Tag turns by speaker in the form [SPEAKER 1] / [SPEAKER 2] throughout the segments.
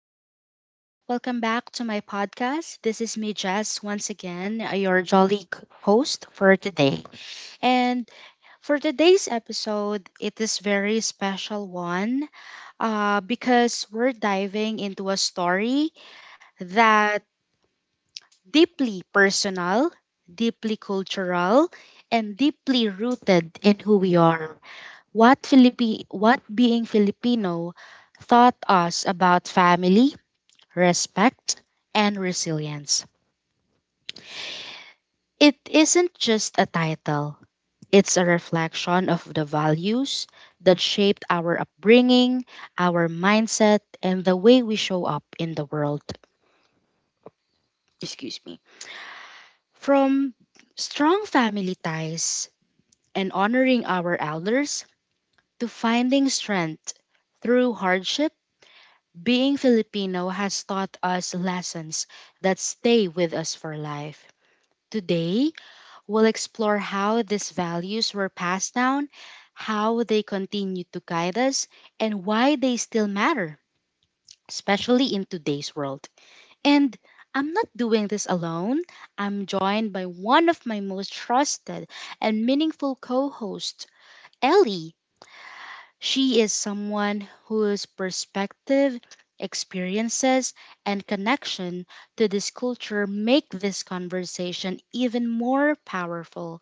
[SPEAKER 1] Hello, welcome back to my podcast. This is me, Jess, once again, your jolly host for today. And for today's episode, it is very special one because we're diving into a story that deeply personal, deeply cultural, and deeply rooted in who we are. What being Filipino taught us about family, respect, and resilience. It isn't just a title, it's a reflection of the values that shaped our upbringing, our mindset, and the way we show up in the world. Excuse me. From strong family ties and honoring our elders to finding strength through hardship, being Filipino has taught us lessons that stay with us for life. Today, we'll explore how these values were passed down, how they continue to guide us, and why they still matter, especially in today's world. And I'm not doing this alone. I'm joined by one of my most trusted and meaningful co hosts, Ellie. She is someone whose perspective, experiences, and connection to this culture make this conversation even more powerful.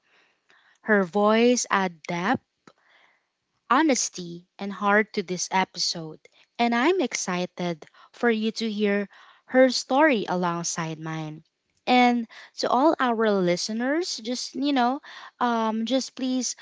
[SPEAKER 1] Her voice add depth, honesty, and heart to this episode, and I'm excited for you to hear her story alongside mine. And to all our listeners, just just please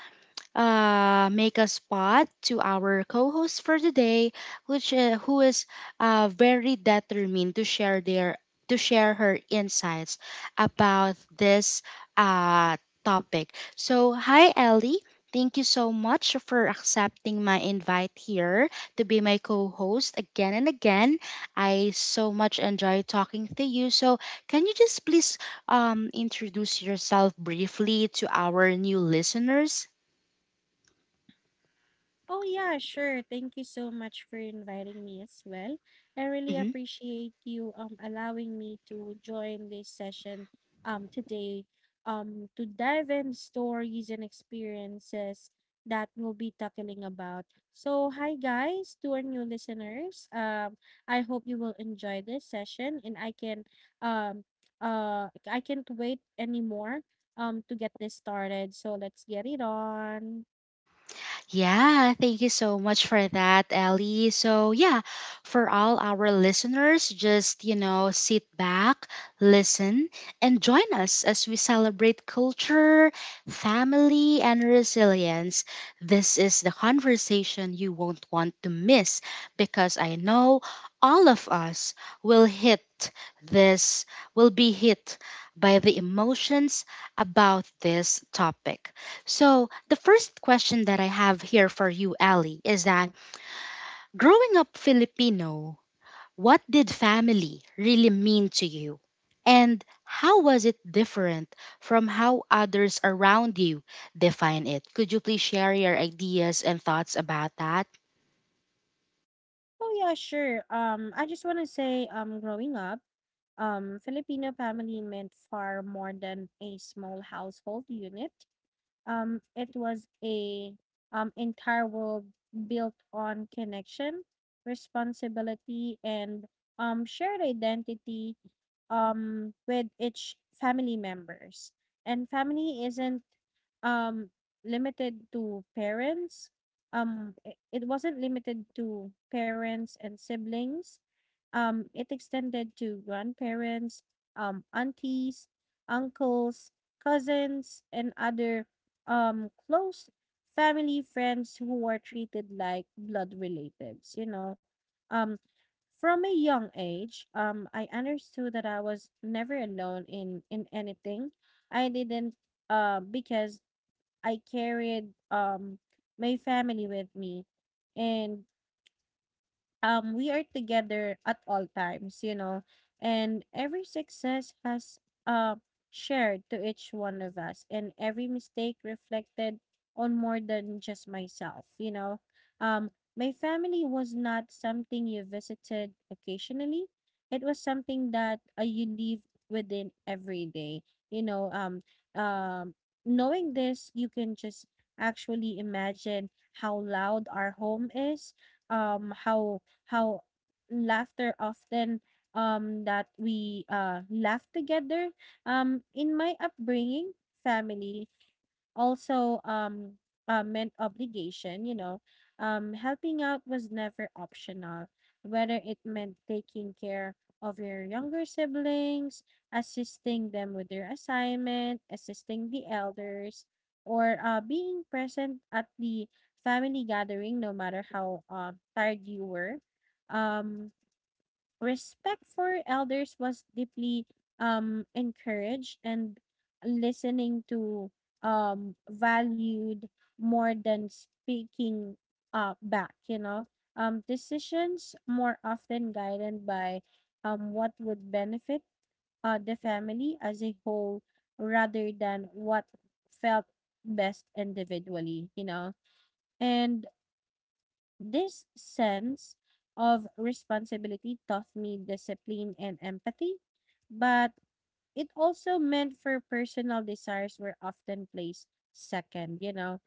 [SPEAKER 1] make a spot to our co-host for the day, which who is very determined to share her insights about this uh, topic. So, hi Ellie. Thank you so much for accepting my invite here to be my co-host again and again. I so much enjoy talking to you. So, can you just please introduce yourself briefly to our new listeners?
[SPEAKER 2] Oh, yeah, sure. Thank you so much for inviting me as well. I really appreciate you allowing me to join this session today to dive in stories and experiences that we'll be tackling about. So, hi guys, to our new listeners. I hope you will enjoy this session and um I can't wait anymore to get this started. So, let's get it on.
[SPEAKER 1] Yeah, thank you so much for that, Ellie. So, yeah, for all our listeners, just, sit back, listen, and join us as we celebrate culture, family, and resilience. This is the conversation you won't want to miss because I know all of us will hit this, will be hit by the emotions about this topic. So, the first question that I have here for you, Ali, is that growing up Filipino, what did family really mean to you? And how was it different from how others around you define it? Could you please share your ideas and thoughts about that?
[SPEAKER 2] Oh, yeah, sure. I just want to say, growing up, Filipino family meant far more than a small household unit. It was a entire world built on connection, responsibility, and shared identity with each family members. And family isn't um, limited to parents. It wasn't limited to parents and siblings. It extended to grandparents, aunties, uncles, cousins, and other close family friends who were treated like blood relatives, you know. Um, from a young age, I understood that I was never alone in anything. I didn't because I carried my family with me, and we are together at all times, you know, and every success has uh shared to each one of us, and every mistake reflected on more than just myself, you know. um my family was not something you visited occasionally. It was something that you live within every day, you know. Um Knowing this, you can just actually imagine how loud our home is, how how laughter often, that we laugh together. In my upbringing, family also meant obligation, you know. Helping out was never optional, whether it meant taking care of your younger siblings, assisting them with their assignment, assisting the elders, or being present at the family gathering no matter how tired you were. um Respect for elders was deeply encouraged, and listening to valued more than speaking back, you know. Decisions more often guided by what would benefit the family as a whole rather than what felt best individually, you know. And this sense of responsibility taught me discipline and empathy, but it also meant for personal desires were often placed second, you know.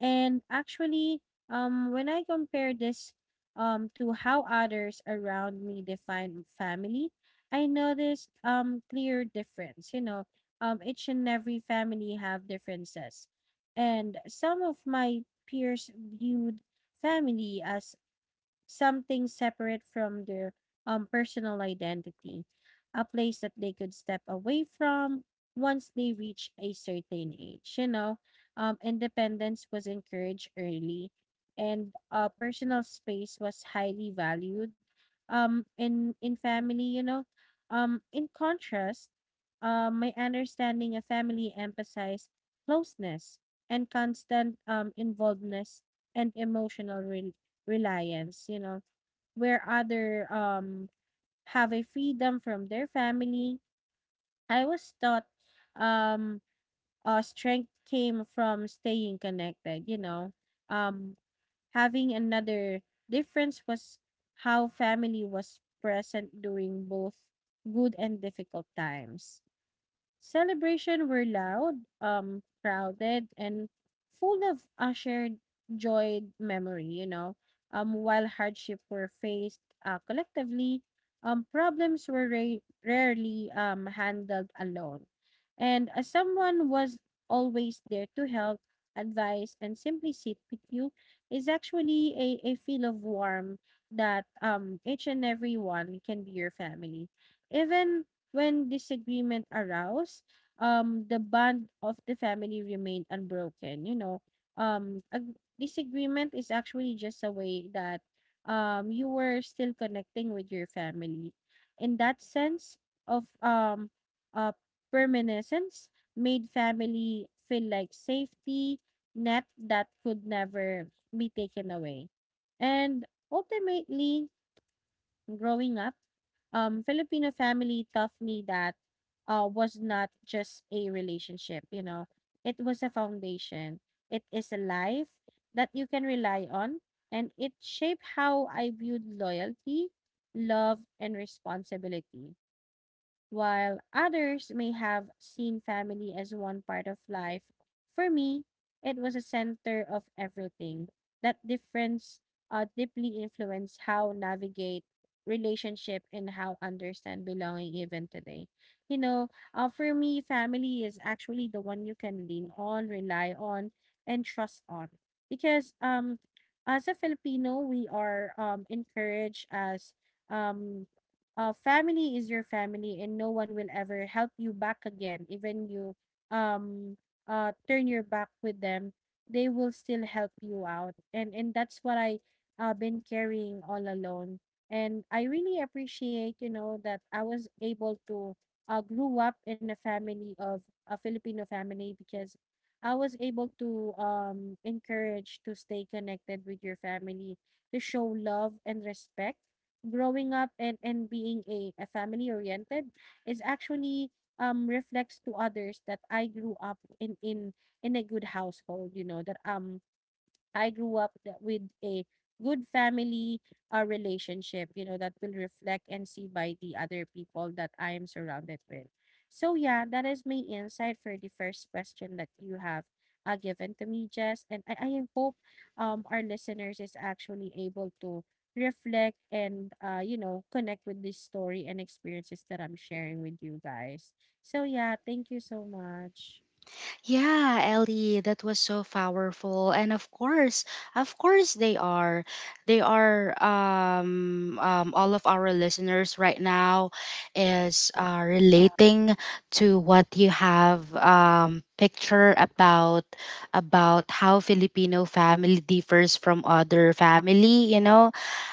[SPEAKER 2] And actually, when I compare this to how others around me define family, I noticed clear difference, you know. Each and every family have differences. And some of my peers viewed family as something separate from their personal identity, a place that they could step away from once they reach a certain age. You know, independence was encouraged early, and personal space was highly valued in family, you know. In contrast, my understanding of family emphasized closeness and constant involvedness and emotional reliance, you know, where other have a freedom from their family. I was taught um strength came from staying connected, you know. Um Having another difference was how family was present during both good and difficult times. Celebration were loud, crowded, and full of a shared joyed memory, you know. While hardship were faced collectively, problems were rarely handled alone. And someone was always there to help, advise, and simply sit with you is actually a feel of warmth that each and every one can be your family. Even when disagreement aroused, the bond of the family remained unbroken. You know, a disagreement is actually just a way that you were still connecting with your family. In that sense of uh, permanence, made family feel like safety net that could never be taken away. And ultimately, growing up, Filipino family taught me that was not just a relationship, you know, it was a foundation. It is a life that you can rely on, and it shaped how I viewed loyalty, love, and responsibility. While others may have seen family as one part of life, for me, it was a center of everything. That difference deeply influenced how navigate relationship and how understand belonging even today. You know, for me, family is actually the one you can lean on, rely on, and trust on. Because as a Filipino, we are encouraged as um family is your family and no one will ever help you back again even you um turn your back with them, they will still help you out, and that's what I been carrying all alone, and I really appreciate, you know, that I was able to grew up in a family of a Filipino family, because I was able to encourage to stay connected with your family, to show love and respect growing up. And being a family oriented is actually reflects to others that I grew up in a good household, you know, that I grew up that with a good family relationship, you know, that will reflect and see by the other people that I am surrounded with. So, yeah, that is my insight for the first question that you have given to me, Jess. And I hope our listeners is actually able to reflect and, you know, connect with this story and experiences that I'm sharing with you guys. So, yeah, thank you so much.
[SPEAKER 1] Yeah, Ellie, that was so powerful. And of course they are. They are all of our listeners right now is relating to what you have picture about how Filipino family differs from other family, you know,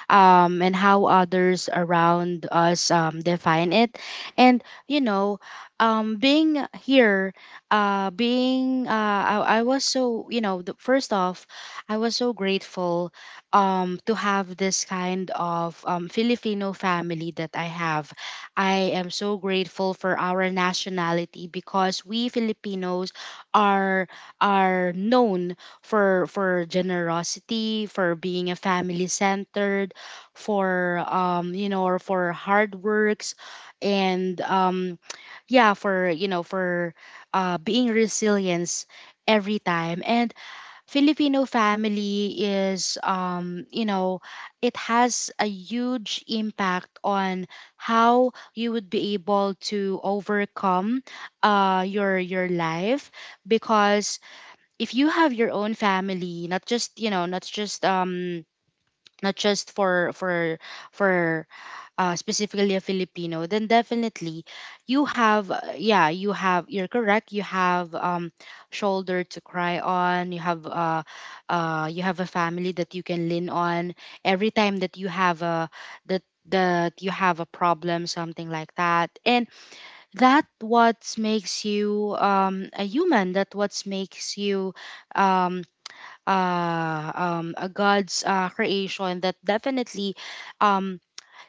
[SPEAKER 1] um and how others around us define it. And being here being I was so first off I was so grateful to have this kind of Filipino family that I have. I am so grateful for our nationality because we Filipinos are are known for generosity, for being a family centered, for or for hard works, and yeah, for for being resilience every time. And Filipino family is, it has a huge impact on how you would be able to overcome your life because if you have your own family, not just not just not just for specifically a Filipino, then definitely you have, yeah, you're correct. You have shoulder to cry on. You have a family that you can lean on every time that that you have a problem, something like that. And that what makes you a human. That what makes you, um, a God's creation. That definitely, um,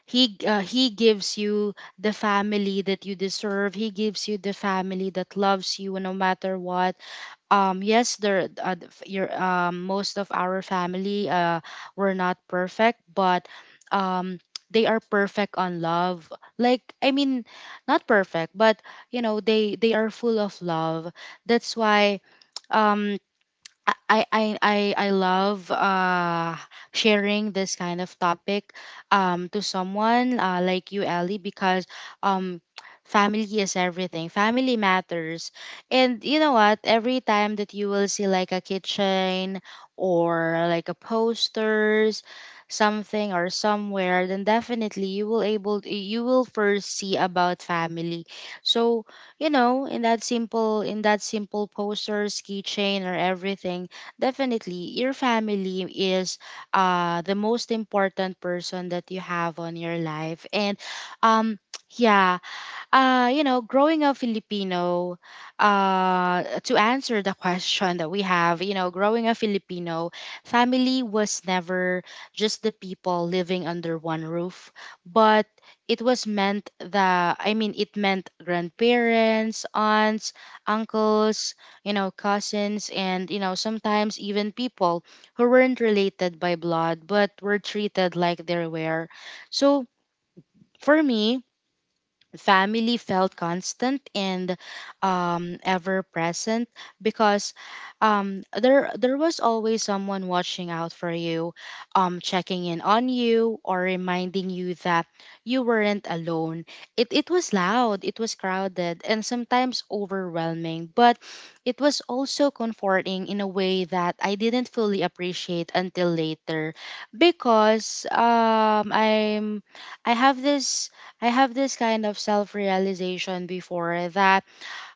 [SPEAKER 1] he gives you the family that you deserve. He gives you the family that loves you no matter what. Yes, there the f- your most of our family were not perfect, but um they are perfect on love. Like, I mean, not perfect, but they are full of love. That's why, um I love sharing this kind of topic to someone like you, Ellie, because um family is everything. Family matters. And you know what? Every time that you will see like a kitchen or like a posters something or somewhere, then definitely you will first see about family. So, in that simple poster's keychain or everything, definitely your family is the most important person that you have on your life. And um yeah, growing up Filipino, to answer the question that we have, growing up Filipino, family was never just the people living under one roof, but it was meant the, I mean, it meant grandparents, aunts, uncles, cousins, and, sometimes even people who weren't related by blood, but were treated like they were. So, for me, family felt constant and, ever present because, there was always someone watching out for you, checking in on you or reminding you that you weren't alone. It was loud, it was crowded, and sometimes overwhelming, but it was also comforting in a way that I didn't fully appreciate until later, because I have this I have this kind of self realization before that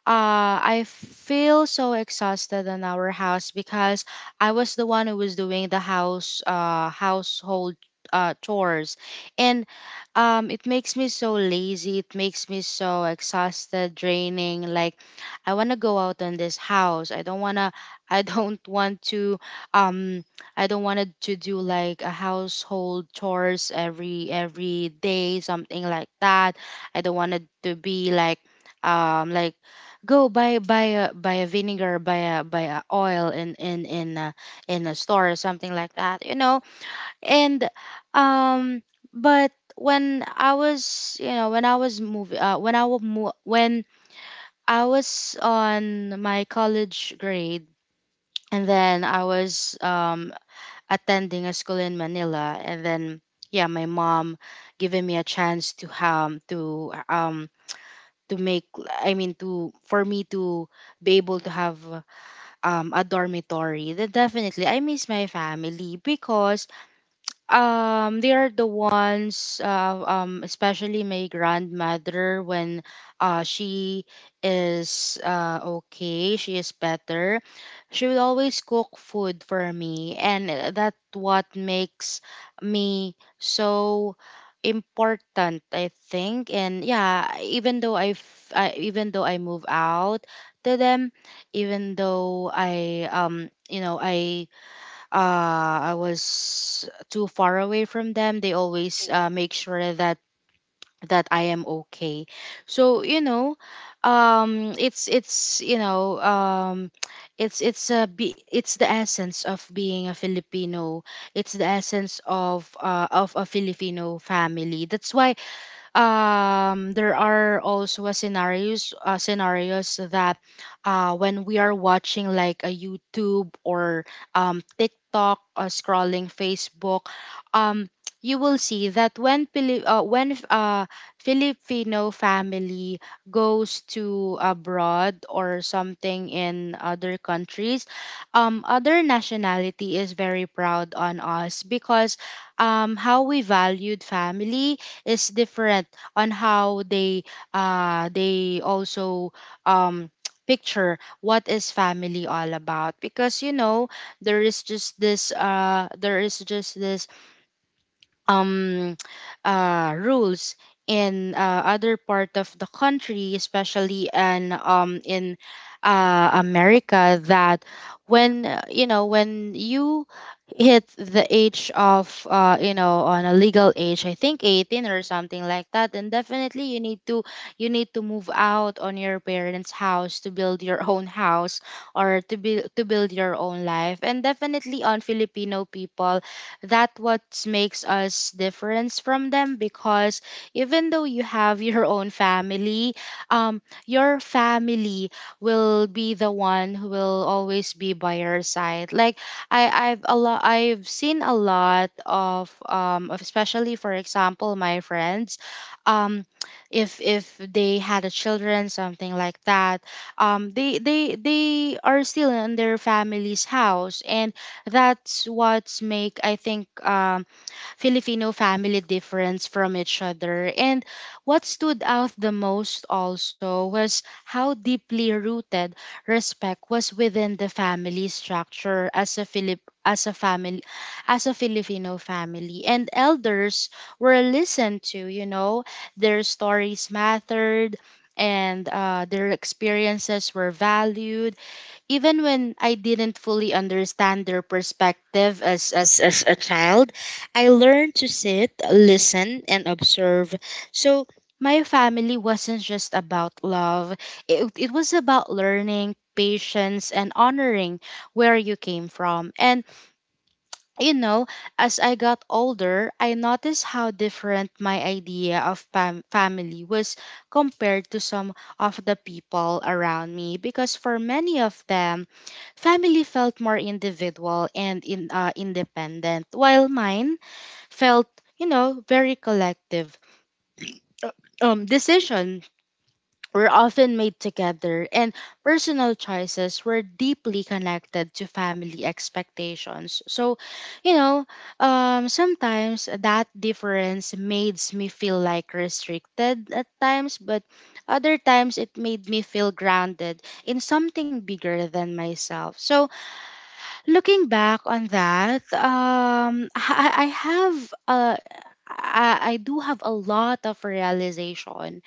[SPEAKER 1] I feel so exhausted in our house because I was the one who was doing the household chores, and it makes me so lazy. It makes me so exhausted, draining. Like I want to go out in this house. I don't wanna. I don't want to. Um, I don't want to do like a household chores every day, something like that. I don't want it to be like go buy buy a buy a vinegar, buy a buy a oil in a store or something like that, and um but when I was you know when I was moving when I was mo- when I was on my college grade, and then I was attending a school in Manila, and then yeah, my mom giving me a chance to make, I mean, to for me to be able to have, a dormitory, then definitely I miss my family because they are the ones, especially my grandmother. When she is, she is better, she would always cook food for me, and that what makes me so important, I think. And yeah, even though I move out to them, even though I you know I was too far away from them, they
[SPEAKER 2] The
[SPEAKER 1] always
[SPEAKER 2] old
[SPEAKER 1] make sure that I am okay. So, it's it's the essence of being a Filipino. It's the essence of a Filipino family. That's why, there are also a scenarios, scenarios that, when we are watching like a YouTube or TikTok, scrolling Facebook, um, you will see that when Filipino family goes to abroad or something in other countries, other nationality is very proud on us because, how we valued family is different on how they also um picture what is family all about. Because there is just this there is just this um, rules in other part of the country, especially and in America, that when when you hit the age of you know on a legal age, I think 18 or something like that, then definitely you need to move out on your parents' house to build your own house, or to build your own life, and definitely on Filipino people, that what makes us difference from them, because even though you have your own family, your family will be the one who will always be by your side. Like I've seen a lot of, especially for example, my friends. um if they had a children, something like that, they are still in their family's house. And that's what's make, I think, Filipino family difference from each other. And what stood out the most also was how deeply rooted respect was within the family structure. As a Filip as a family as a Filipino family, and elders were listened to, their stories mattered, and their experiences were valued, even when I didn't fully understand their perspective. As, a child, I learned to sit, listen, and observe. So, my family wasn't just about love, it was about learning, patience, and honoring where you came from. And you know, as I got older, I noticed how different my idea of family was compared to some of the people around me. Because for many of them, family felt more individual and independent, while mine felt very collective. Uh, Decision were often made together, and personal choices were deeply connected to family expectations. So, you know, sometimes that difference made me feel like restricted at times, but other times it made me feel grounded in something bigger than myself. So, looking back on that, Uh, I do have a lot of realization.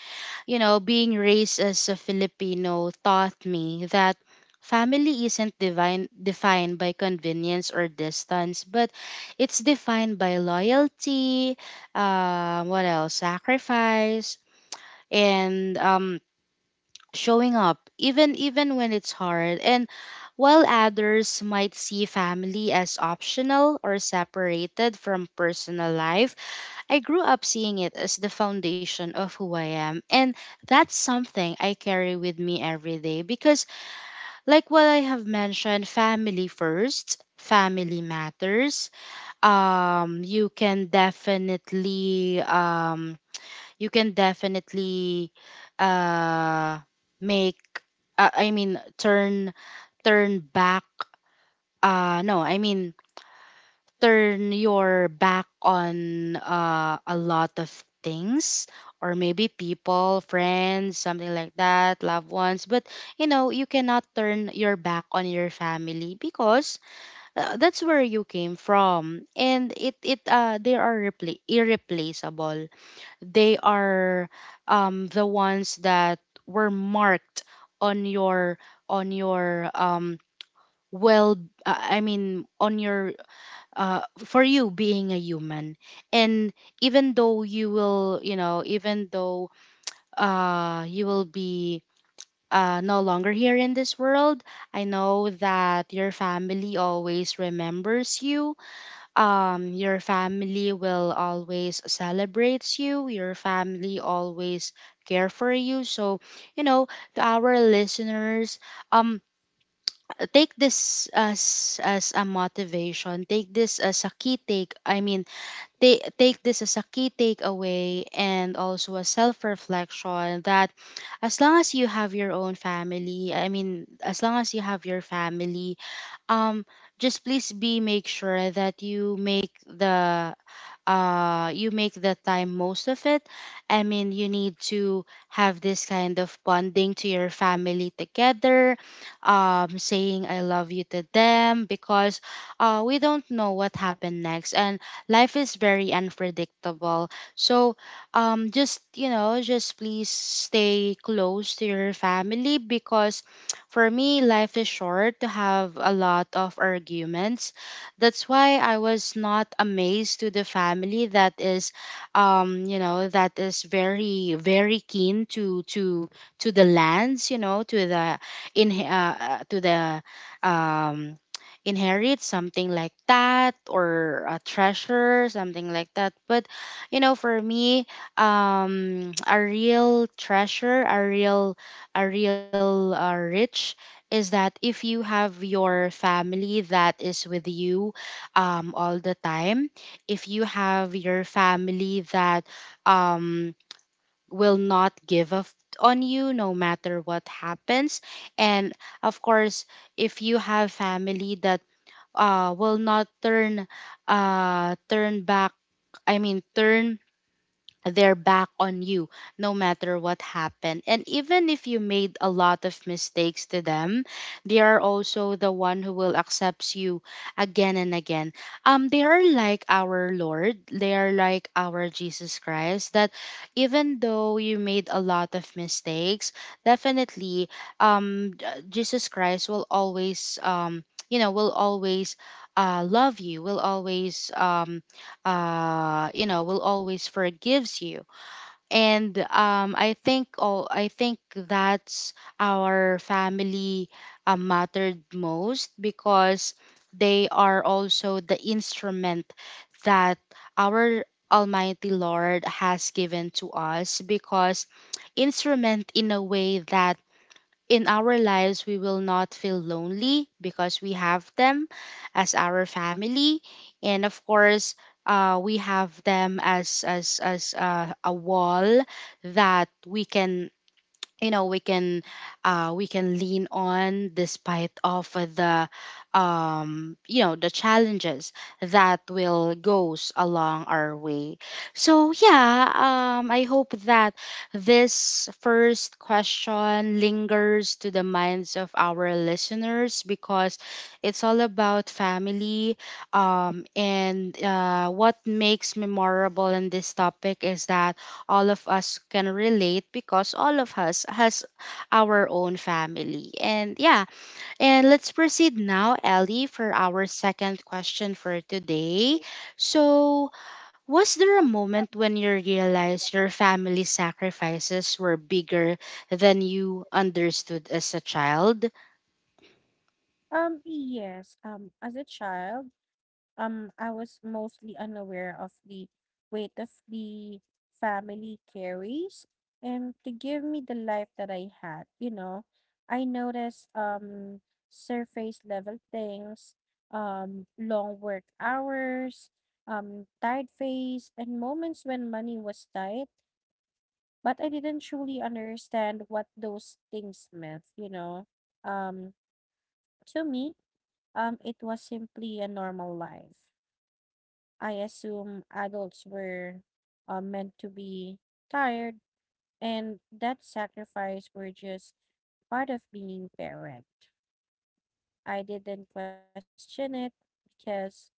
[SPEAKER 1] You know, being raised as a Filipino taught me that family isn't divine, defined by convenience or distance, but it's defined by loyalty, what else? Sacrifice and showing up, even when it's hard. And while others might see family as optional or separated from personal life, I grew up seeing it as the foundation of who I am, and that's something I carry with me every day because, like what I have mentioned, family first, family matters. You can definitely, you can definitely, uh, make, turn turn back. No, I mean turn your back on a lot of things, or maybe people, friends, something like that, loved ones. But you know, you cannot turn your back on your family because that's where you came from. And it they are irreplaceable. They are the ones that were marked on your on your um well on your, for you being a human. And even though you will you know even though you will be no longer here in this world, I know that your family always remembers you. Your family will always celebrates you, your family always care for you. So you know, to our listeners, um take this as a motivation, take this as a key, take I mean they take this as a key takeaway, and also a self-reflection, that as long as you have your own family I mean as long as you have your family, um just please be make sure that you make the time most of it. I mean, you need to have this kind of bonding to your family together, saying I love you to them. Because we don't know what happened next, and life is very unpredictable. So just, you know, just please stay close to your family, because for me, life is short to have a lot of arguments. That's why I was not amazed to the family that is, that is very, very keen to the lands, you know, to the in to the, um inherit something like that, or a treasure, something like that. But you know, for me, a real treasure, a real rich is that if you have your family that is with you all the time, if you have your family that um, will not give up on you no matter what happens, and of course, if you have family that will not turn turn back, I mean, turn they're back on you no matter what happened, and even if you made a lot of mistakes to them, they are also the one who will accept you again and again. They are like our Lord, they are like our Jesus Christ, that even though you made a lot of mistakes, definitely, Jesus Christ will always will always love you, will always will always forgives you. And I think all I think that's our family mattered most, because they are also the instrument that our almighty Lord has given to us. Because instrument in a way that in our lives, we will not feel lonely because we have them as our family. And of course, we have them as a wall that we can, you know, we can, we can lean on, despite of the the challenges that will goes along our way. So yeah, I hope that this first question lingers to the minds of our listeners, because it's all about family. And What makes memorable in this topic is that all of us can relate, because all of us has our own family. And yeah, and let's proceed now, Ellie, for our second question for today.
[SPEAKER 2] thing.
[SPEAKER 1] So, was there a moment when you realized your family sacrifices were bigger than you understood as a child?
[SPEAKER 2] Yes. As a child, I was mostly unaware of the weight of the family carries and to give me the life that I had, you know. I noticed surface level things, long work hours, tired face, and moments when money was tight, but I didn't truly understand what those things meant, you know. Um, to me it was simply a normal life. I assume adults were meant to be tired, and that sacrifice were just part of being parent. I didn't question it because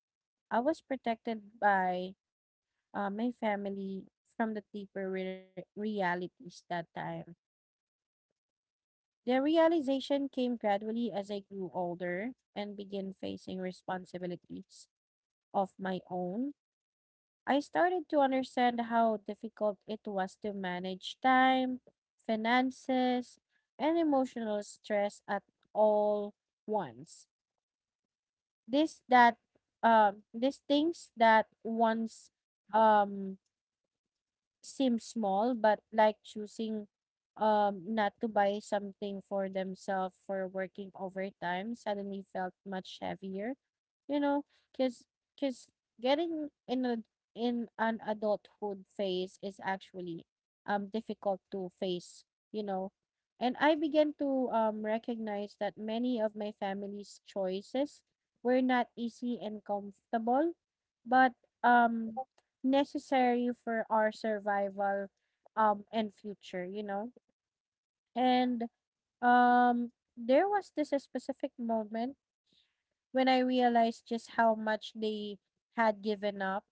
[SPEAKER 2] I was protected by my family from the deeper realities that time. The realization came gradually. As I grew older and began facing responsibilities of my own, I started to understand how difficult it was to manage time, finances, and emotional stress at all once. This that These things that once um seem small, but like choosing not to buy something for themselves for working overtime suddenly felt much heavier, you know, because because getting in a in an adulthood phase is actually difficult to face, you know. And I began to recognize that many of my family's choices were not easy and comfortable, but um necessary for our survival and future, you know. And um there was this a specific moment when I realized just how much they had given up,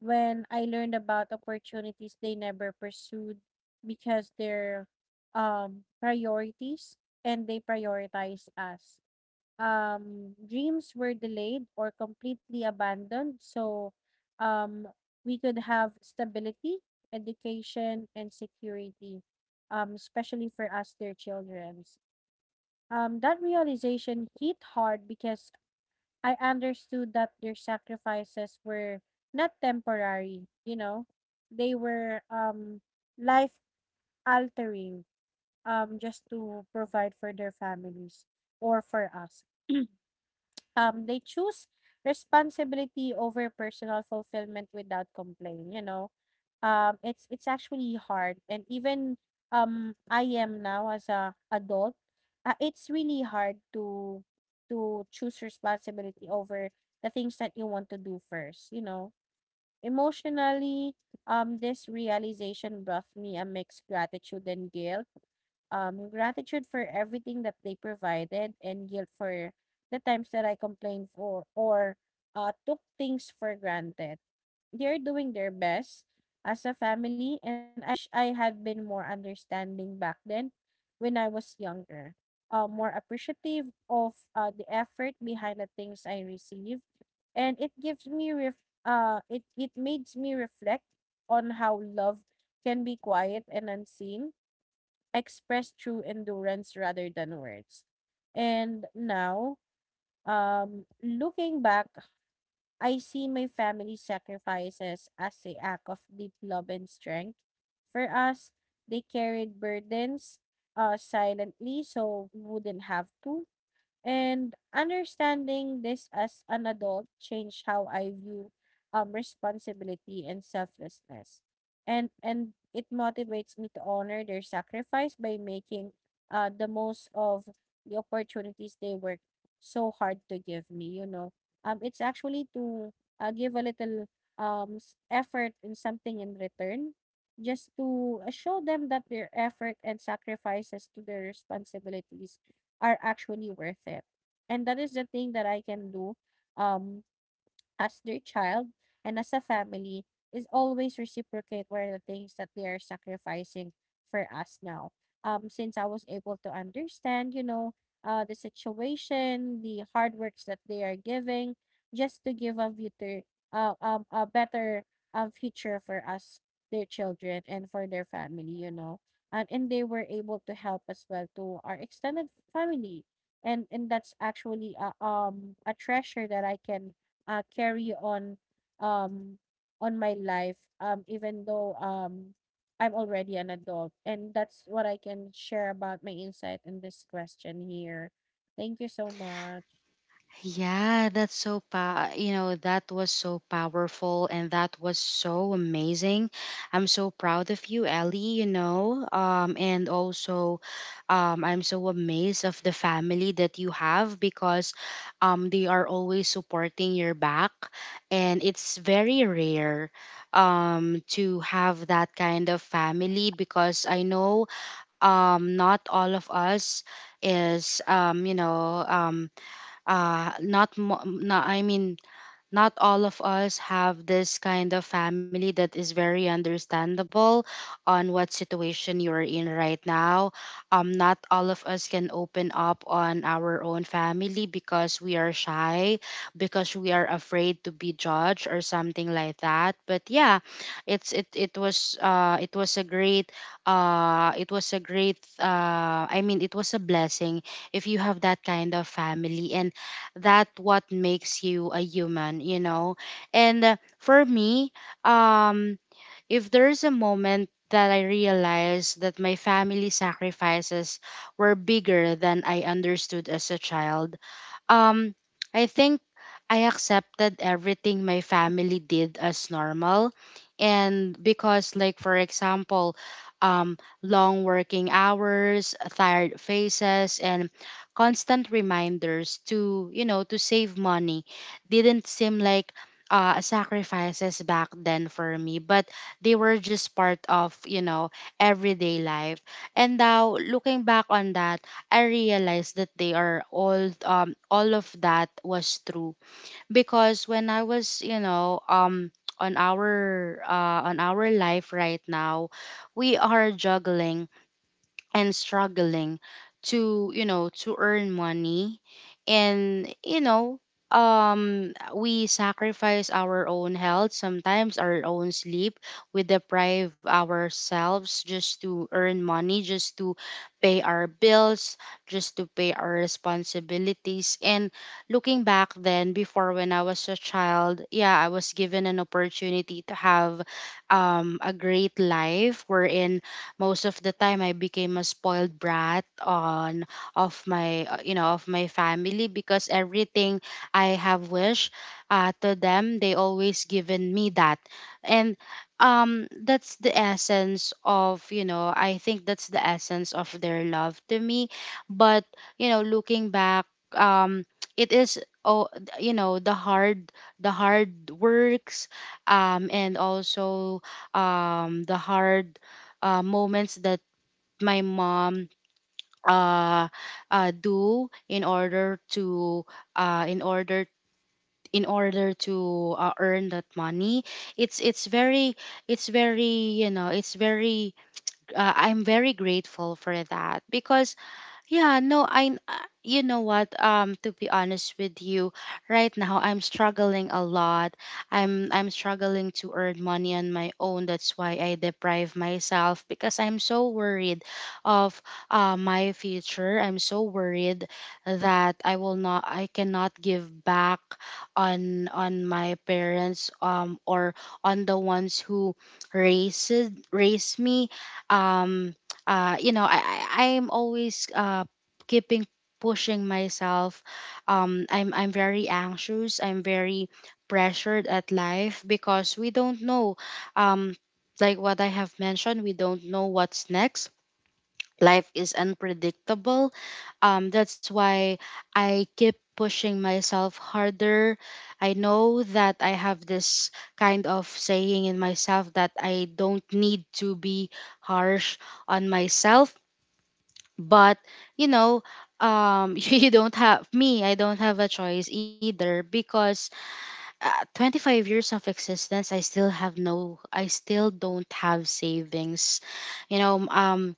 [SPEAKER 2] when I learned about opportunities they never pursued because their priorities and they prioritized us. Dreams were delayed or completely abandoned so um we could have stability, education, and security, especially for us, their children. That realization hit hard because I understood that their sacrifices were not temporary, you know. They were life altering just to provide for their families or for us. They choose responsibility over personal fulfillment without complaint, you know. It's actually hard, and even I am now as a adult, it's really hard to choose responsibility over the things that you want to do first, you know. Emotionally, this realization brought me a mixed gratitude and guilt, gratitude for everything that they provided and guilt for the times that I complained for or took things for granted. They're doing their best as a family, and I wish I had been more understanding back then when I was younger. More appreciative of the effort behind the things I received, and it makes me reflect on how love can be quiet and unseen, expressed through endurance rather than words. And now, looking back, I see my family sacrifices as a act of deep love and strength. For us, they carried burdens silently so we wouldn't have to. And understanding this as an adult changed how I view responsibility and selflessness. And it motivates me to honor their sacrifice by making the most of the opportunities they work so hard to give me, you know. It's actually to give a little effort in something in return, just to show them that their effort and sacrifices to their responsibilities are actually worth it. And that is the thing that I can do um as their child, and as a family is always reciprocate were the things that they are sacrificing for us now. Since I was able to understand, the situation, the hard works that they are giving, just to give a a better future for us, their children, and for their family, you know. And they were able to help as well to our extended family. And that's actually a treasure that I can carry um on my life even though. I'm already an adult, and that's what I can share about my insight in this question here. Thank you so much.
[SPEAKER 1] Yeah, that's so pa you know, that was so powerful and that was so amazing. I'm so proud of you, Ellie, you know. And also, I'm so amazed of the family that you have, because they are always supporting your back, and it's very rare to have that kind of family. Because I know not all of us is you know not mo- not I mean not all of us have this kind of family that is very understandable on what situation you're in right now. Not all of us can open up on our own family, because we are shy, because we are afraid to be judged or something like that. But yeah, it was a great it was a great I mean it was a blessing if you have that kind of family, and that what makes you a human, you know. And for me, um if there's a moment that I realized that my family sacrifices were bigger than I understood as a child, um, I think I accepted everything my family did as normal. And because, like, for example, long working hours, tired faces, and constant reminders to, you know, to save money didn't seem like sacrifices back then for me, but they were just part of, you know, everyday life. And now, looking back on that, I realized that they are all of that was true. Because when I was, on our on our life right now, we are juggling and struggling to, you know, to earn money. And you know, we sacrifice our own health, sometimes our own sleep. We deprive ourselves just to earn money, just to pay our bills, just to pay our responsibilities. And looking back then before, when I was a child, yeah, I was given an opportunity to have a great life, wherein most of the time I became a spoiled brat on of my, of my family, because everything I have wished to them, they always given me that. And that's the essence of, I think that's the essence of their love to me. But you know, looking back, um it is oh you know, the hard, the hard works, and also the hard moments that my mom uh, do in order to, uh, in order in order to earn that money. It's very, it's very, you know, it's very, I'm very grateful for that. Because yeah, no, I you know what, to be honest with you, right now I'm struggling a lot. I'm struggling to earn money on my own. That's why I deprive myself, because I'm so worried of my future. I'm so worried that I will not I cannot give back on my parents, or on the ones who raised raised me. Um you know, I'm always keeping pushing myself. I'm very anxious. I'm very pressured at life, because we don't know. Um, like what I have mentioned, we don't know what's next. Life is unpredictable. That's why I keep pushing myself harder. I know that I have this kind of saying in myself that I don't need to be harsh on myself, but you know you don't have me I don't have a choice either because 25 years of existence, I still don't have savings. you know um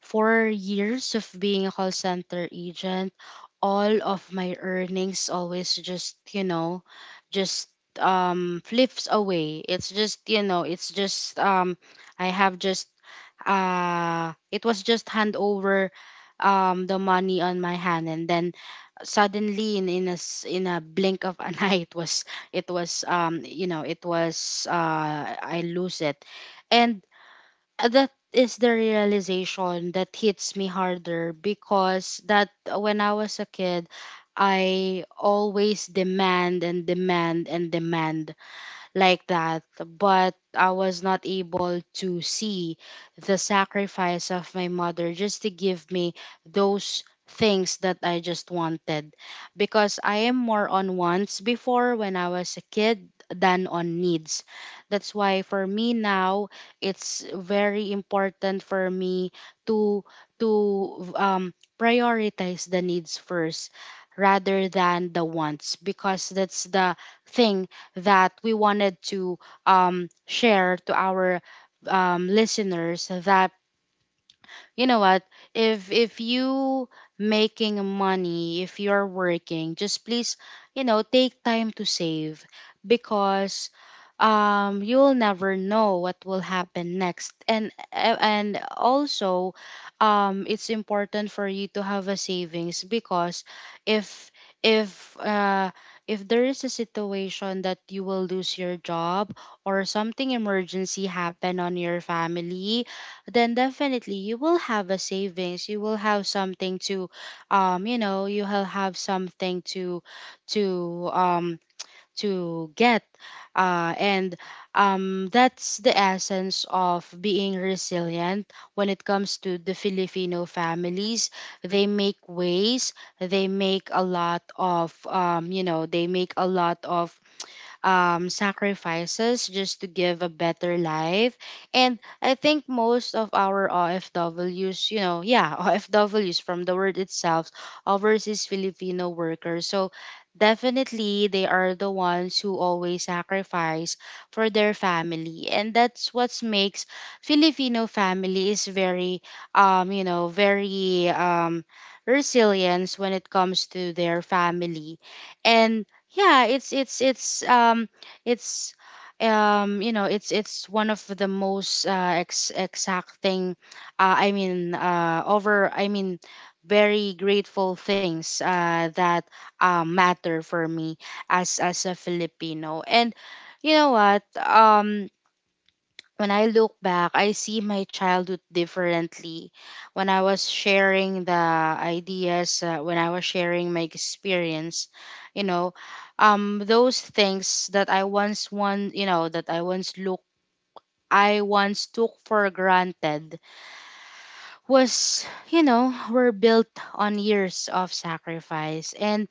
[SPEAKER 1] 4 years of being a call center agent, all of my earnings always just just flips away. It's just it's just I have just it was just hand over the money on my hand, and then suddenly in a blink of an eye, it was I lose it. And that is the realization that hits me harder because that when I was a kid, I always demand and demand and demand like that, but I was not able to see the sacrifice of my mother just to give me those things that I just wanted, because I am more on wants before when I was a kid than on needs. That's why for me now, it's very important for me to prioritize the needs first rather than the wants, because that's the thing that we wanted to share to our listeners that you know what, if you making money, if you're working, just please, you know, take time to save, because you'll never know what will happen next. And also, it's important for you to have a savings, because if if if there is a situation that you will lose your job or something emergency happen on your family, then definitely you will have a savings, you will have something to, you will have something to to um to get. And That's the essence of being resilient when it comes to the filipino families. They make ways, they make a lot of they make a lot of sacrifices just to give a better life. And I think most of our OFWs, you know, yeah, OFWs from the word itself, overseas Filipino workers. So definitely they are the ones who always sacrifice for their family. And that's what makes Filipino family is very, um, you know, very um, resilience when it comes to their family. And yeah, it's you know it's one of the most exacting, I mean over I mean very grateful things that matter for me as a filipino. And you know what, when I look back, I see my childhood differently. When I was sharing the ideas, when I was sharing my experience, you know, those things that I once want, you know, that I once look, I once took for granted was, you know, were built on years of sacrifice, and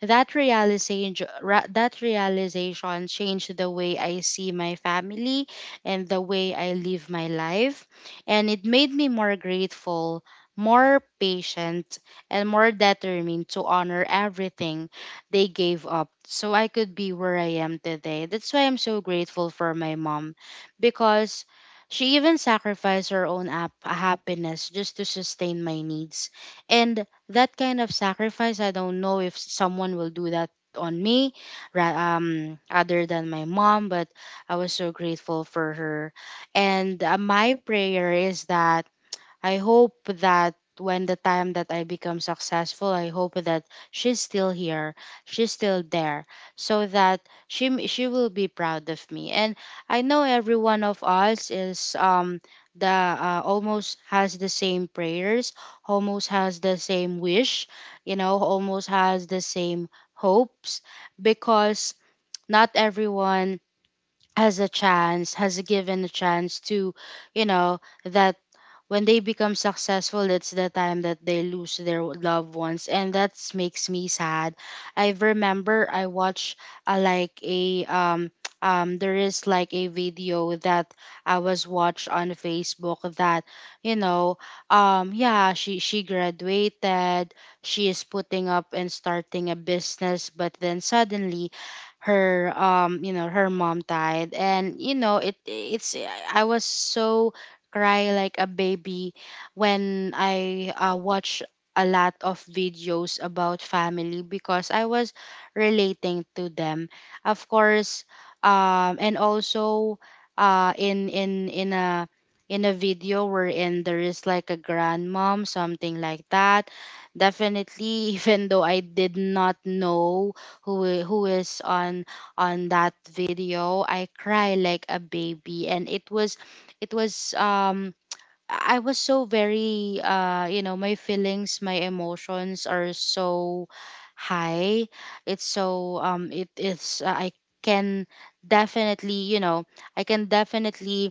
[SPEAKER 1] that realization, that realization changed the way I see my family and the way I live my life, and it made me more grateful, more patient, and more determined to honor everything they gave up so I could be where I am today. That's why I'm so grateful for my mom, because she even sacrificed her own happiness just to sustain my needs. And that kind of sacrifice, I don't know if someone will do that on me other than my mom, but I was so grateful for her. And my prayer is that I hope that when the time that I become successful, I hope that she's still here, she's still there, so that she will be proud of me. And I know every one of us is the almost has the same prayers, almost has the same wish, you know, almost has the same hopes, because not everyone has a chance, has given a chance to, you know, that when they become successful, it's the time that they lose their loved ones, and that makes me sad. I remember I watched like a there is like a video that I was watched on Facebook that you know yeah, she graduated, she is putting up and starting a business, but then suddenly her her mom died, and it's I was so cry like a baby when I watch a lot of videos about family, because I was relating to them, of course. And also, uh in in in a in a video wherein there is like a grandmom, something like that, definitely even though I did not know who is on that video, I cry like a baby. And it was I was so very my feelings, my emotions are so high. It's so it is I can definitely, you know, I can definitely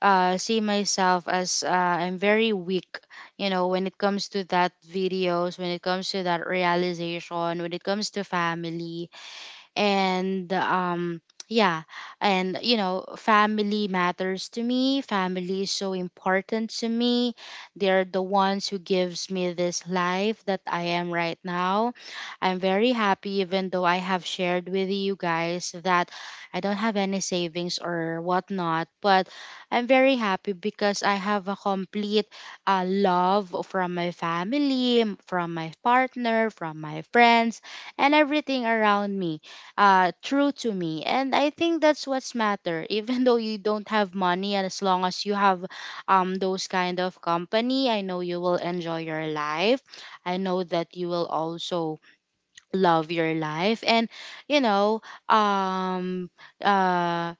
[SPEAKER 1] see myself as I'm very weak, you know, when it comes to that videos, when it comes to that realization, when it comes to family. And yeah, and you know, family matters to me, family is so important to me. They're the ones who gives me this life that I am right now. I'm very happy, even though I have shared with you guys that I don't have any savings or whatnot, but I'm very happy because I have a complete love from my family, from my partner, from my friends, and everything around me, true to me. And I think that's what's matter even though you don't have money, and as long as you have those kind of company, I know you will enjoy your life, I know that you will also love your life. And you know, um uh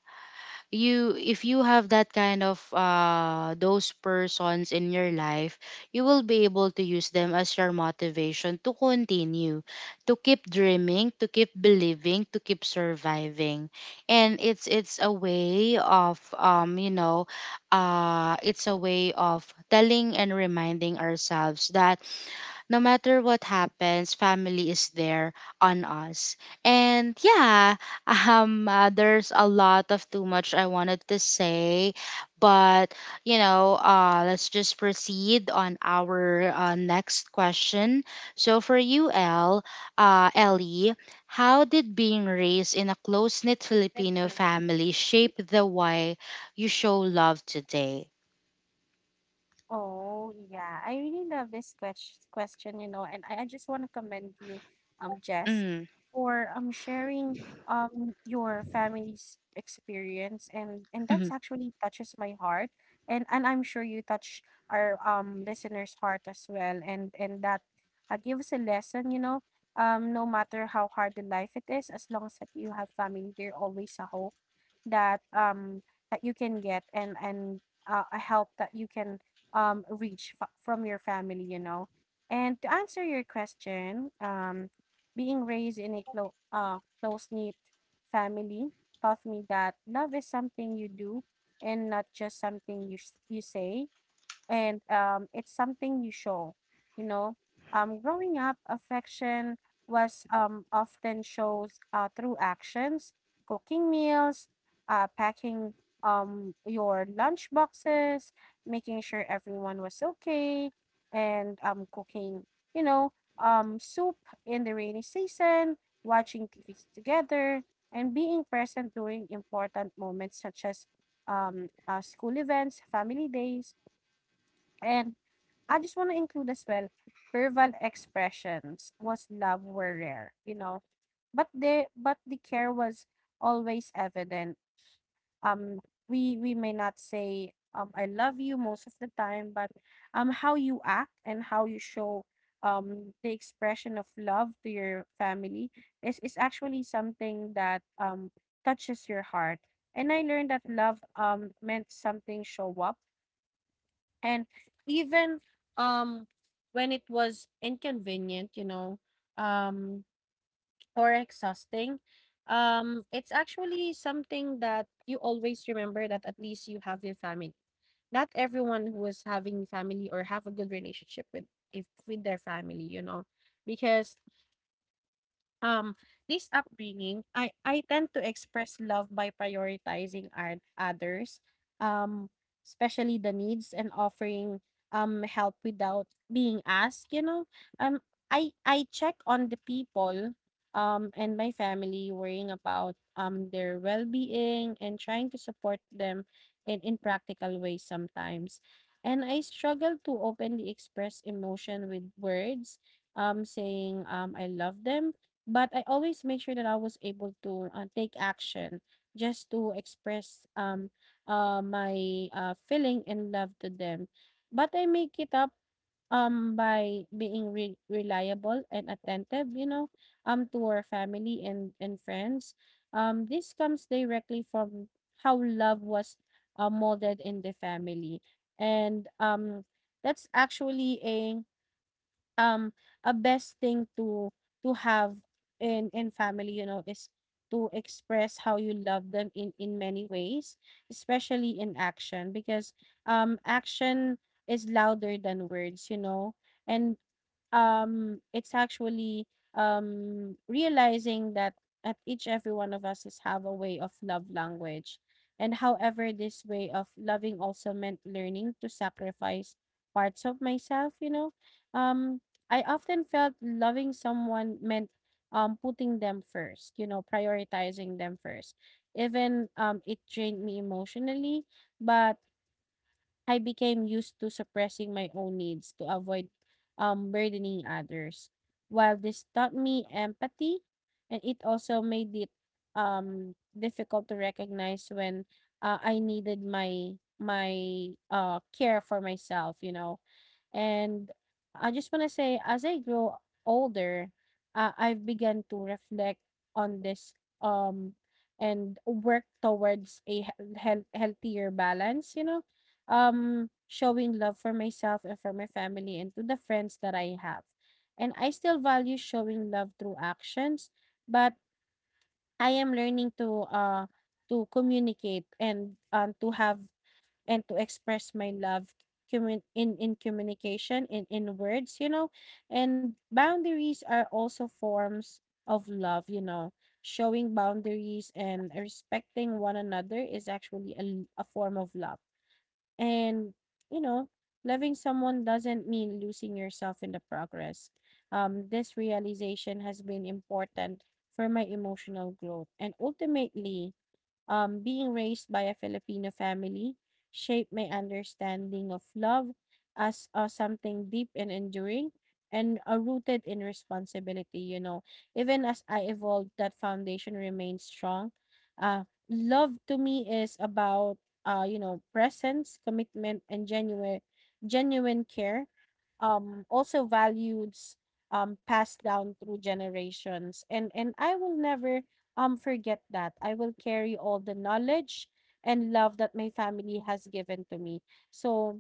[SPEAKER 1] you if you have that kind of those persons in your life, you will be able to use them as your motivation to continue, to keep dreaming, to keep believing, to keep surviving. And it's a way of it's a way of telling and reminding ourselves that no matter what happens, family is there on us. And yeah, there's a lot of too much I wanted to say, but you know, let's just proceed on our next question. So for you, El, Ellie, how did being raised in a close knit Filipino
[SPEAKER 2] Okay.
[SPEAKER 1] family shape the way you show love today?
[SPEAKER 2] Oh, yeah. I really love this question, you know, and I just want to commend you, Jess,
[SPEAKER 1] Mm.
[SPEAKER 2] for sharing your family's experience, and that's actually touches my heart, and I'm sure you touch our listeners' heart as well, and that gives a lesson, you know, no matter how hard the life it is, as long as that you have family, there always a hope that that you can get, and a help that you can reach from your family, you know. And to answer your question, being raised in a close knit family taught me that love is something you do and not just something you say, and it's something you show. You know, growing up, affection was, often shows, through actions, cooking meals, packing, your lunch boxes, making sure everyone was okay, and cooking, you know, soup in the rainy season, watching TVs together, and being present during important moments such as school events, family days, and I just want to include as well verbal expressions was love were rare, you know, but the care was always evident. Um, we may not say I love you most of the time, but how you act and how you show the expression of love to your family is actually something that touches your heart. And I learned that love meant something show up, and even um when it was inconvenient, you know, um or exhausting, it's actually something that you always remember that at least you have your family. Not everyone who is having family or have a good relationship with if with their family, you know, because um, this upbringing, I tend to express love by prioritizing our others, um, especially the needs and offering help without being asked. You know, um, I check on the people, and my family, worrying about their well being and trying to support them in practical ways sometimes, and I struggle to openly express emotion with words, saying I love them, but I always make sure that I was able to take action just to express my feeling and love to them. But I make it up by being reliable and attentive, you know, to our family and friends. This comes directly from how love was molded in the family. And that's actually um a best thing to have in family, you know, is to express how you love them in many ways, especially in action, because action is louder than words, you know. And it's actually realizing that at each every one of us is have a way of love language, and however this way of loving also meant learning to sacrifice parts of myself, you know. um I often felt loving someone meant putting them first, you know, prioritizing them first. Even it drained me emotionally, but I became used to suppressing my own needs to avoid burdening others. While this taught me empathy, and it also made it difficult to recognize when I needed my care for myself, you know. And I just want to say, as I grow older, I've begun to reflect on this, um, and work towards a healthier balance, you know, showing love for myself and for my family and to the friends that I have. And I still value showing love through actions, but I am learning to communicate, and to have and to express my love in communication in words, you know. And boundaries are also forms of love, you know. Showing boundaries and respecting one another is actually a form of love, and you know, loving someone doesn't mean losing yourself in the progress. This realization has been important for my emotional growth, and ultimately, being raised by a Filipino family shaped my understanding of love as something deep and enduring, and rooted in responsibility. You know, even as I evolved, that foundation remains strong. Love to me is about, you know, presence, commitment, and genuine care, also values passed down through generations, and I will never forget that. I will carry all the knowledge and love that my family has given to me. So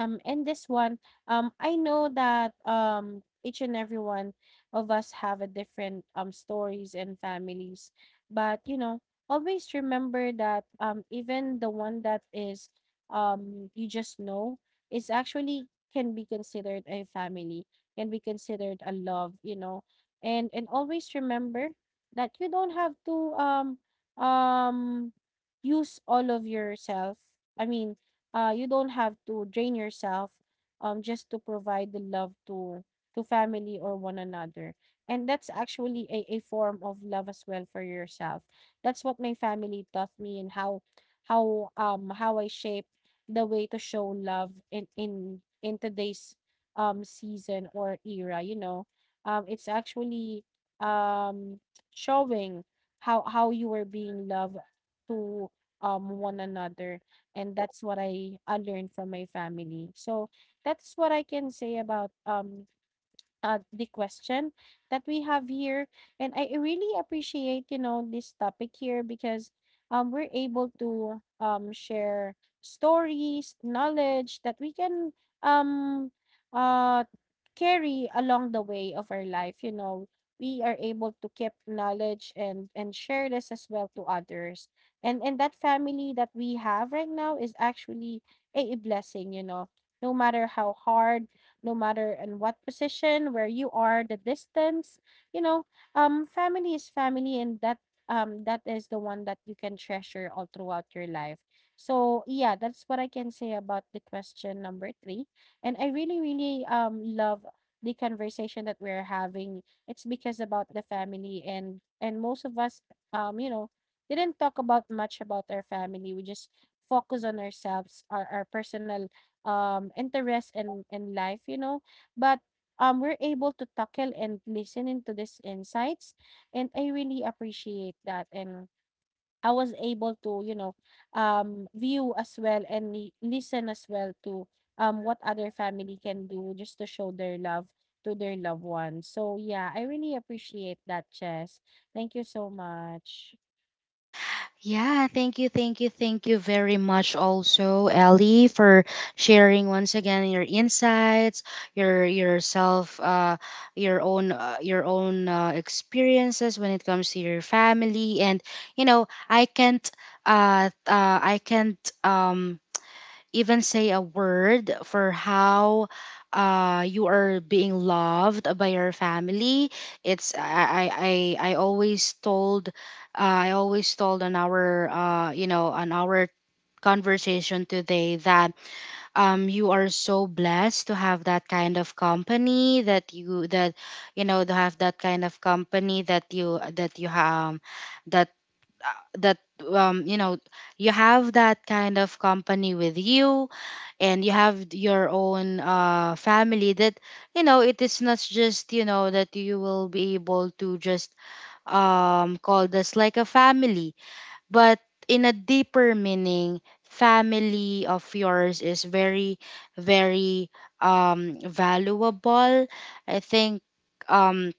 [SPEAKER 2] and this one, I know that each and every one of us have a different stories and families, but you know, always remember that even the one that is you just know is actually can be considered a family, can be considered a love, you know. And always remember that you don't have to um use all of yourself, I mean, you don't have to drain yourself just to provide the love to family or one another. And that's actually a form of love as well for yourself. That's what my family taught me, and how I shape the way to show love in today's season or era, you know. It's actually um showing how you were being loved to one another, and that's what I, learned from my family. So, that's what I can say about, the question that we have here. And I really appreciate, you know, this topic here, because we're able to share stories, knowledge that we can um, uh, carry along the way of our life. You know, we are able to keep knowledge and share this as well to others. And that family that we have right now is actually a blessing. You know, no matter how hard, no matter in what position, where you are, the distance. You know, family is family, and that that is the one that you can treasure all throughout your life. So yeah, that's what I can say about the question number 3. And I really, really love the conversation that we're having. It's because about the family, and most of us you know, didn't talk about much about our family. We just focus on ourselves, our personal interest in life, you know. But we're able to tackle and listen into these insights, and I really appreciate that. And I was able to, you know, view as well and listen as well to what other family can do just to show their love to their loved ones. So yeah, I really appreciate that, chess. Thank you so much.
[SPEAKER 1] Yeah, thank you, thank you, thank you very much also, Ellie, for sharing once again your insights, your yourself, your own experiences when it comes to your family. And you know, I can't, um, even say a word for how you are being loved by your family. It's I always told, on our, on our conversation today that you are so blessed to have that kind of company that you know, to have that kind of company that you have, that that you know you have that kind of company with you, and you have your own family that, you know, it is not just, you know, that you will be able to just call this like a family, but in a deeper meaning, family of yours is very, very, valuable. I think, um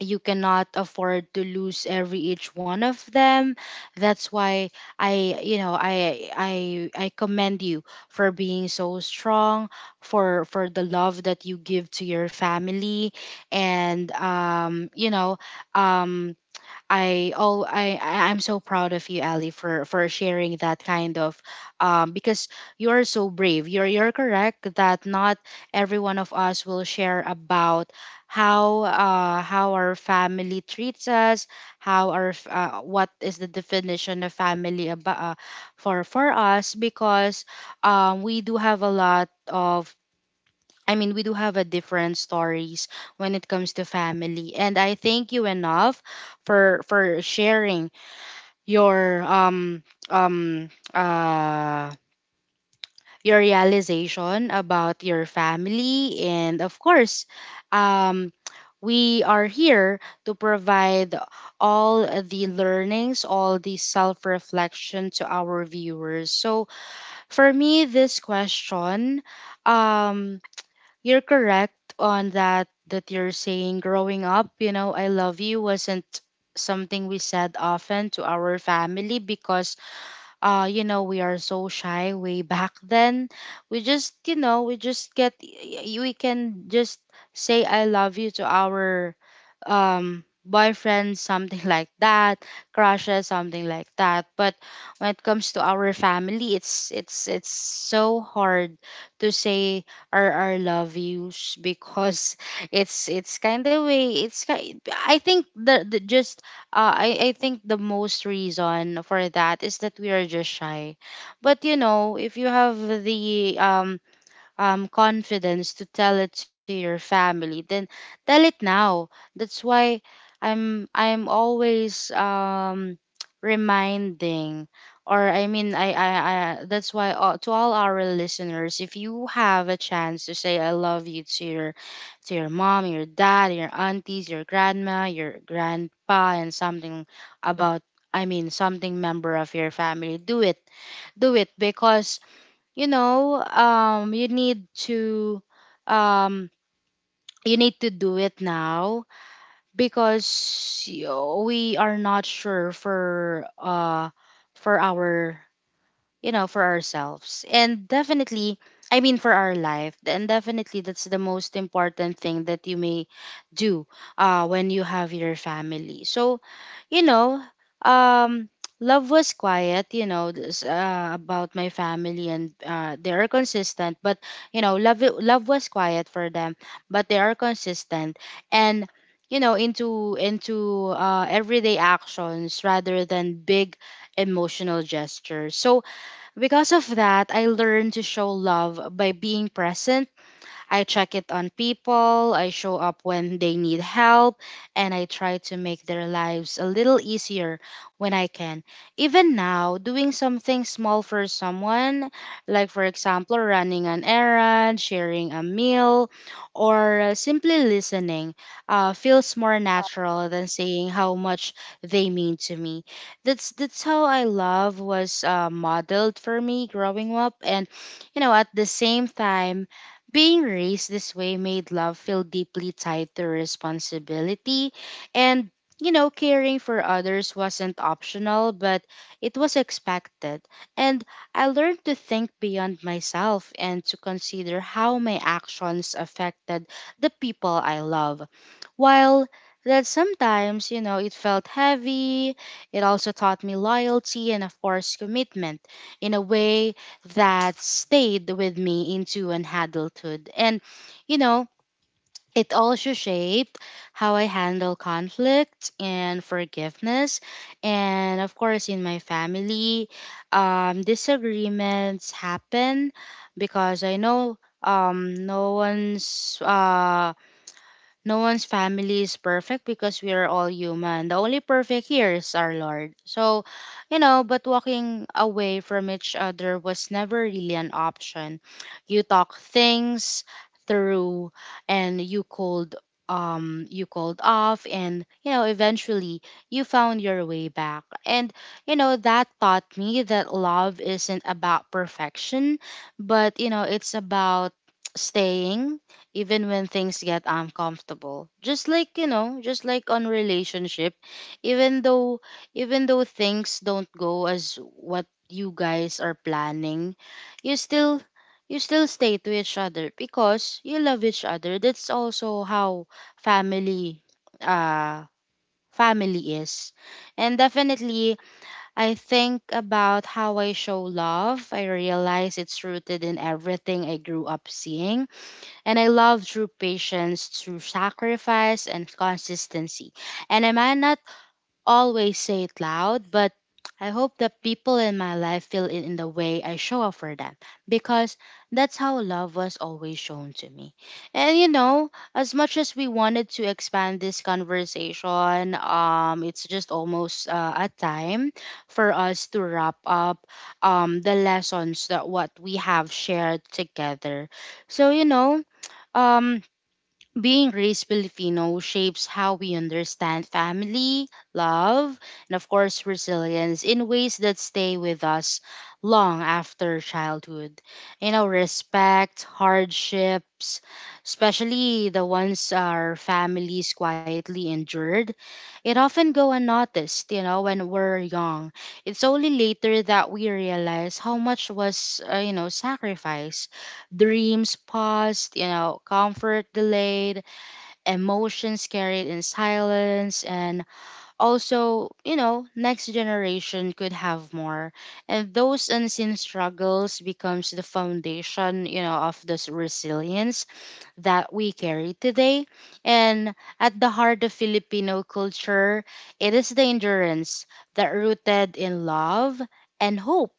[SPEAKER 1] you cannot afford to lose every each one of them. That's why I you know I commend you for being so strong, for the love that you give to your family. And um I all I- I'm so proud of you, Ali, for sharing that kind of because you are so brave. You're correct that not every one of us will share about how our family treats us, what is the definition of family about for us, because we do have a lot of, I mean, we do have a different stories when it comes to family. And I thank you enough for sharing your um um uh your realization about your family. And of course, um, we are here to provide all the learnings, all the self reflection to our viewers. So for me, this question, um you're correct on that that you're saying growing up, you know, I love you wasn't something we said often to our family, because you know, we are so shy way back then. We just, you know, we just get y- y- we can just say I love you to our boyfriend, something like that, crushes, something like that. But when it comes to our family, it's it's so hard to say our love yous, because it's kind of way, it's ki- I think the just I think the most reason for that is that we are just shy. But you know, if you have the confidence to tell it to your family, then tell it now. That's why I'm always reminding, or I mean, I that's why all, to all our listeners, if you have a chance to say I love you to your, to your mom, your dad, your aunties, your grandma, your grandpa, and something about, I mean something member of your family, do it, do it, because you know, um you need to do it now, because we are not sure for our, you know, for ourselves. And definitely, I mean, for our life. And definitely, that's the most important thing that you may do when you have your family. You know, um, love was quiet, you know, this, about my family, and they are consistent. But you know, love was quiet for them, but they are consistent, and you know, into everyday actions rather than big emotional gestures. So because of that, I learned to show love by being present. I check it on people, I show up when they need help, and I try to make their lives a little easier when I can. Even now, doing something small for someone, like for example, running an errand, sharing a meal, or simply listening, feels
[SPEAKER 2] Uh,
[SPEAKER 1] more natural than saying how much they mean to me. That's how I love was modeled for me growing up, and you know, at the same time being raised this way made love feel deeply tied to responsibility, and you know, caring for others wasn't optional, but it was expected. And I learned to think beyond myself and to consider how my actions affected the people I love. While that sometimes, you know, it felt heavy, it also taught me loyalty and, of course, commitment in a way that stayed with me into an adulthood. And, you know, it also shaped how I handle conflict and forgiveness. And, of course, in my family, disagreements happen because I know um no one's uh no one's family is perfect because we are all human. The only perfect here is our Lord. So, you know, but walking away from each other was never really an option. You talk things through, and you called, you called off, and you know eventually you found your way back, and you know that taught me that love isn't about perfection, but you know it's about staying even when things get uncomfortable, just like you know, just like on relationship. even though Even though things don't go as what you guys are planning, you still, you still stay to each other because you love each other. That's also how family, uh family is. And definitely, I think about how I show love, I realize it's rooted in everything I grew up seeing, and I love through patience, through sacrifice and consistency. And I might not always say it loud, but I hope that people in my life feel it in the way I show up for them, because that's how love was always shown to me. And you know, as much as we wanted to expand this conversation, it's just almost a time for us to wrap up the lessons that what we have shared together. So, you know, um, being raised Filipino shapes how we understand family, love, and of course, resilience in ways that stay with us long after childhood. You know, respect, hardships, especially the ones our families quietly endured, it often go unnoticed, you know, when we're young. It's only later that we realize how much was, you know, sacrificed. Dreams paused, you know, comfort delayed, emotions carried in silence, and also, you know, next generation could have more. And those unseen struggles becomes the foundation, you know, of this resilience that we carry today. And at the heart of Filipino culture, it is the endurance that rooted in love and hope,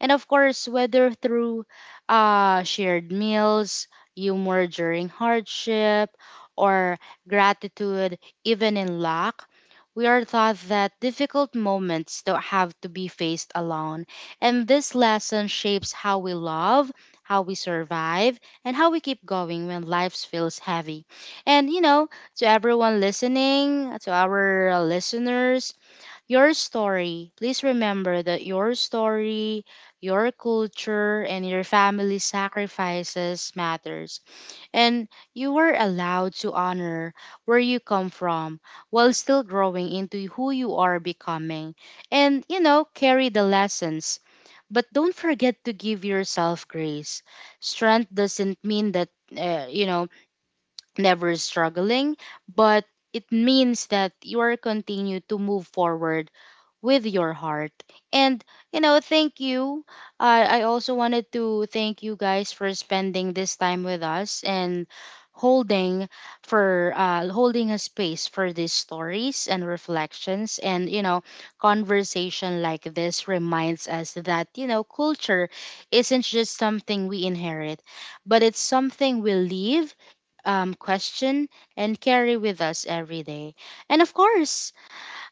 [SPEAKER 1] and of course, whether through shared meals, humor during hardship, or gratitude even in lack, we are taught that difficult moments don't have to be faced alone. And this lesson shapes how we love, how we survive, and how we keep going when life feels heavy. And you know, to everyone listening, to our listeners, your story. Please remember that your story, your culture, and your family sacrifices matters. And you are allowed to honor where you come from while still growing into who you are becoming. And, you know, carry the lessons. But don't forget to give yourself grace. Strength doesn't mean that, uh, you know, never struggling, but it means that you are continue to move forward with your heart. And, you know, thank you. Uh, I also wanted to thank you guys for spending this time with us and holding, for holding a space for these stories and reflections. And you know, conversation like this reminds us that you know culture isn't just something we inherit, but it's something we leave, question, and carry with us every day. And of course,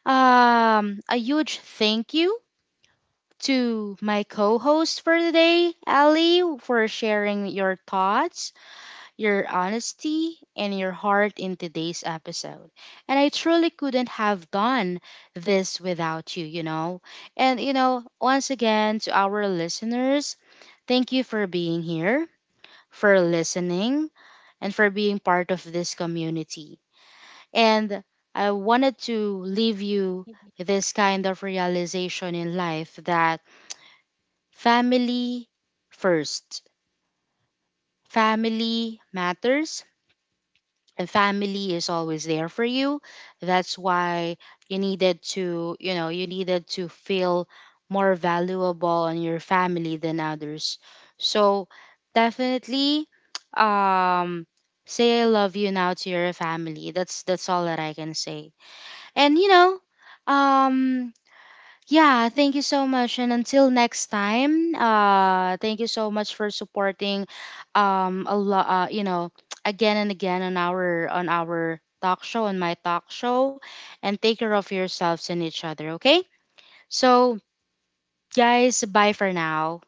[SPEAKER 1] a huge thank you to my co-host for today, Ali, for sharing your thoughts, your honesty, and your heart in today's episode. And I truly couldn't have done this without you, you know. And you know, once again to our listeners, thank you for being here, for listening, and for being part of this community. And I wanted to leave you
[SPEAKER 2] Mhm.
[SPEAKER 1] this kind of realization in life that family first, family matters, and family is always there for you. That's why you needed to, you know, you needed to feel more valuable on your family than others. So definitely, um, say I love you now to your family. That's all that I can say. And you know, um, yeah, thank you so much. And until next time, thank you so much for supporting, a lot, you know, again and again on our talk show, on my talk show, and take care of yourselves and each other. Okay, so guys, bye for now.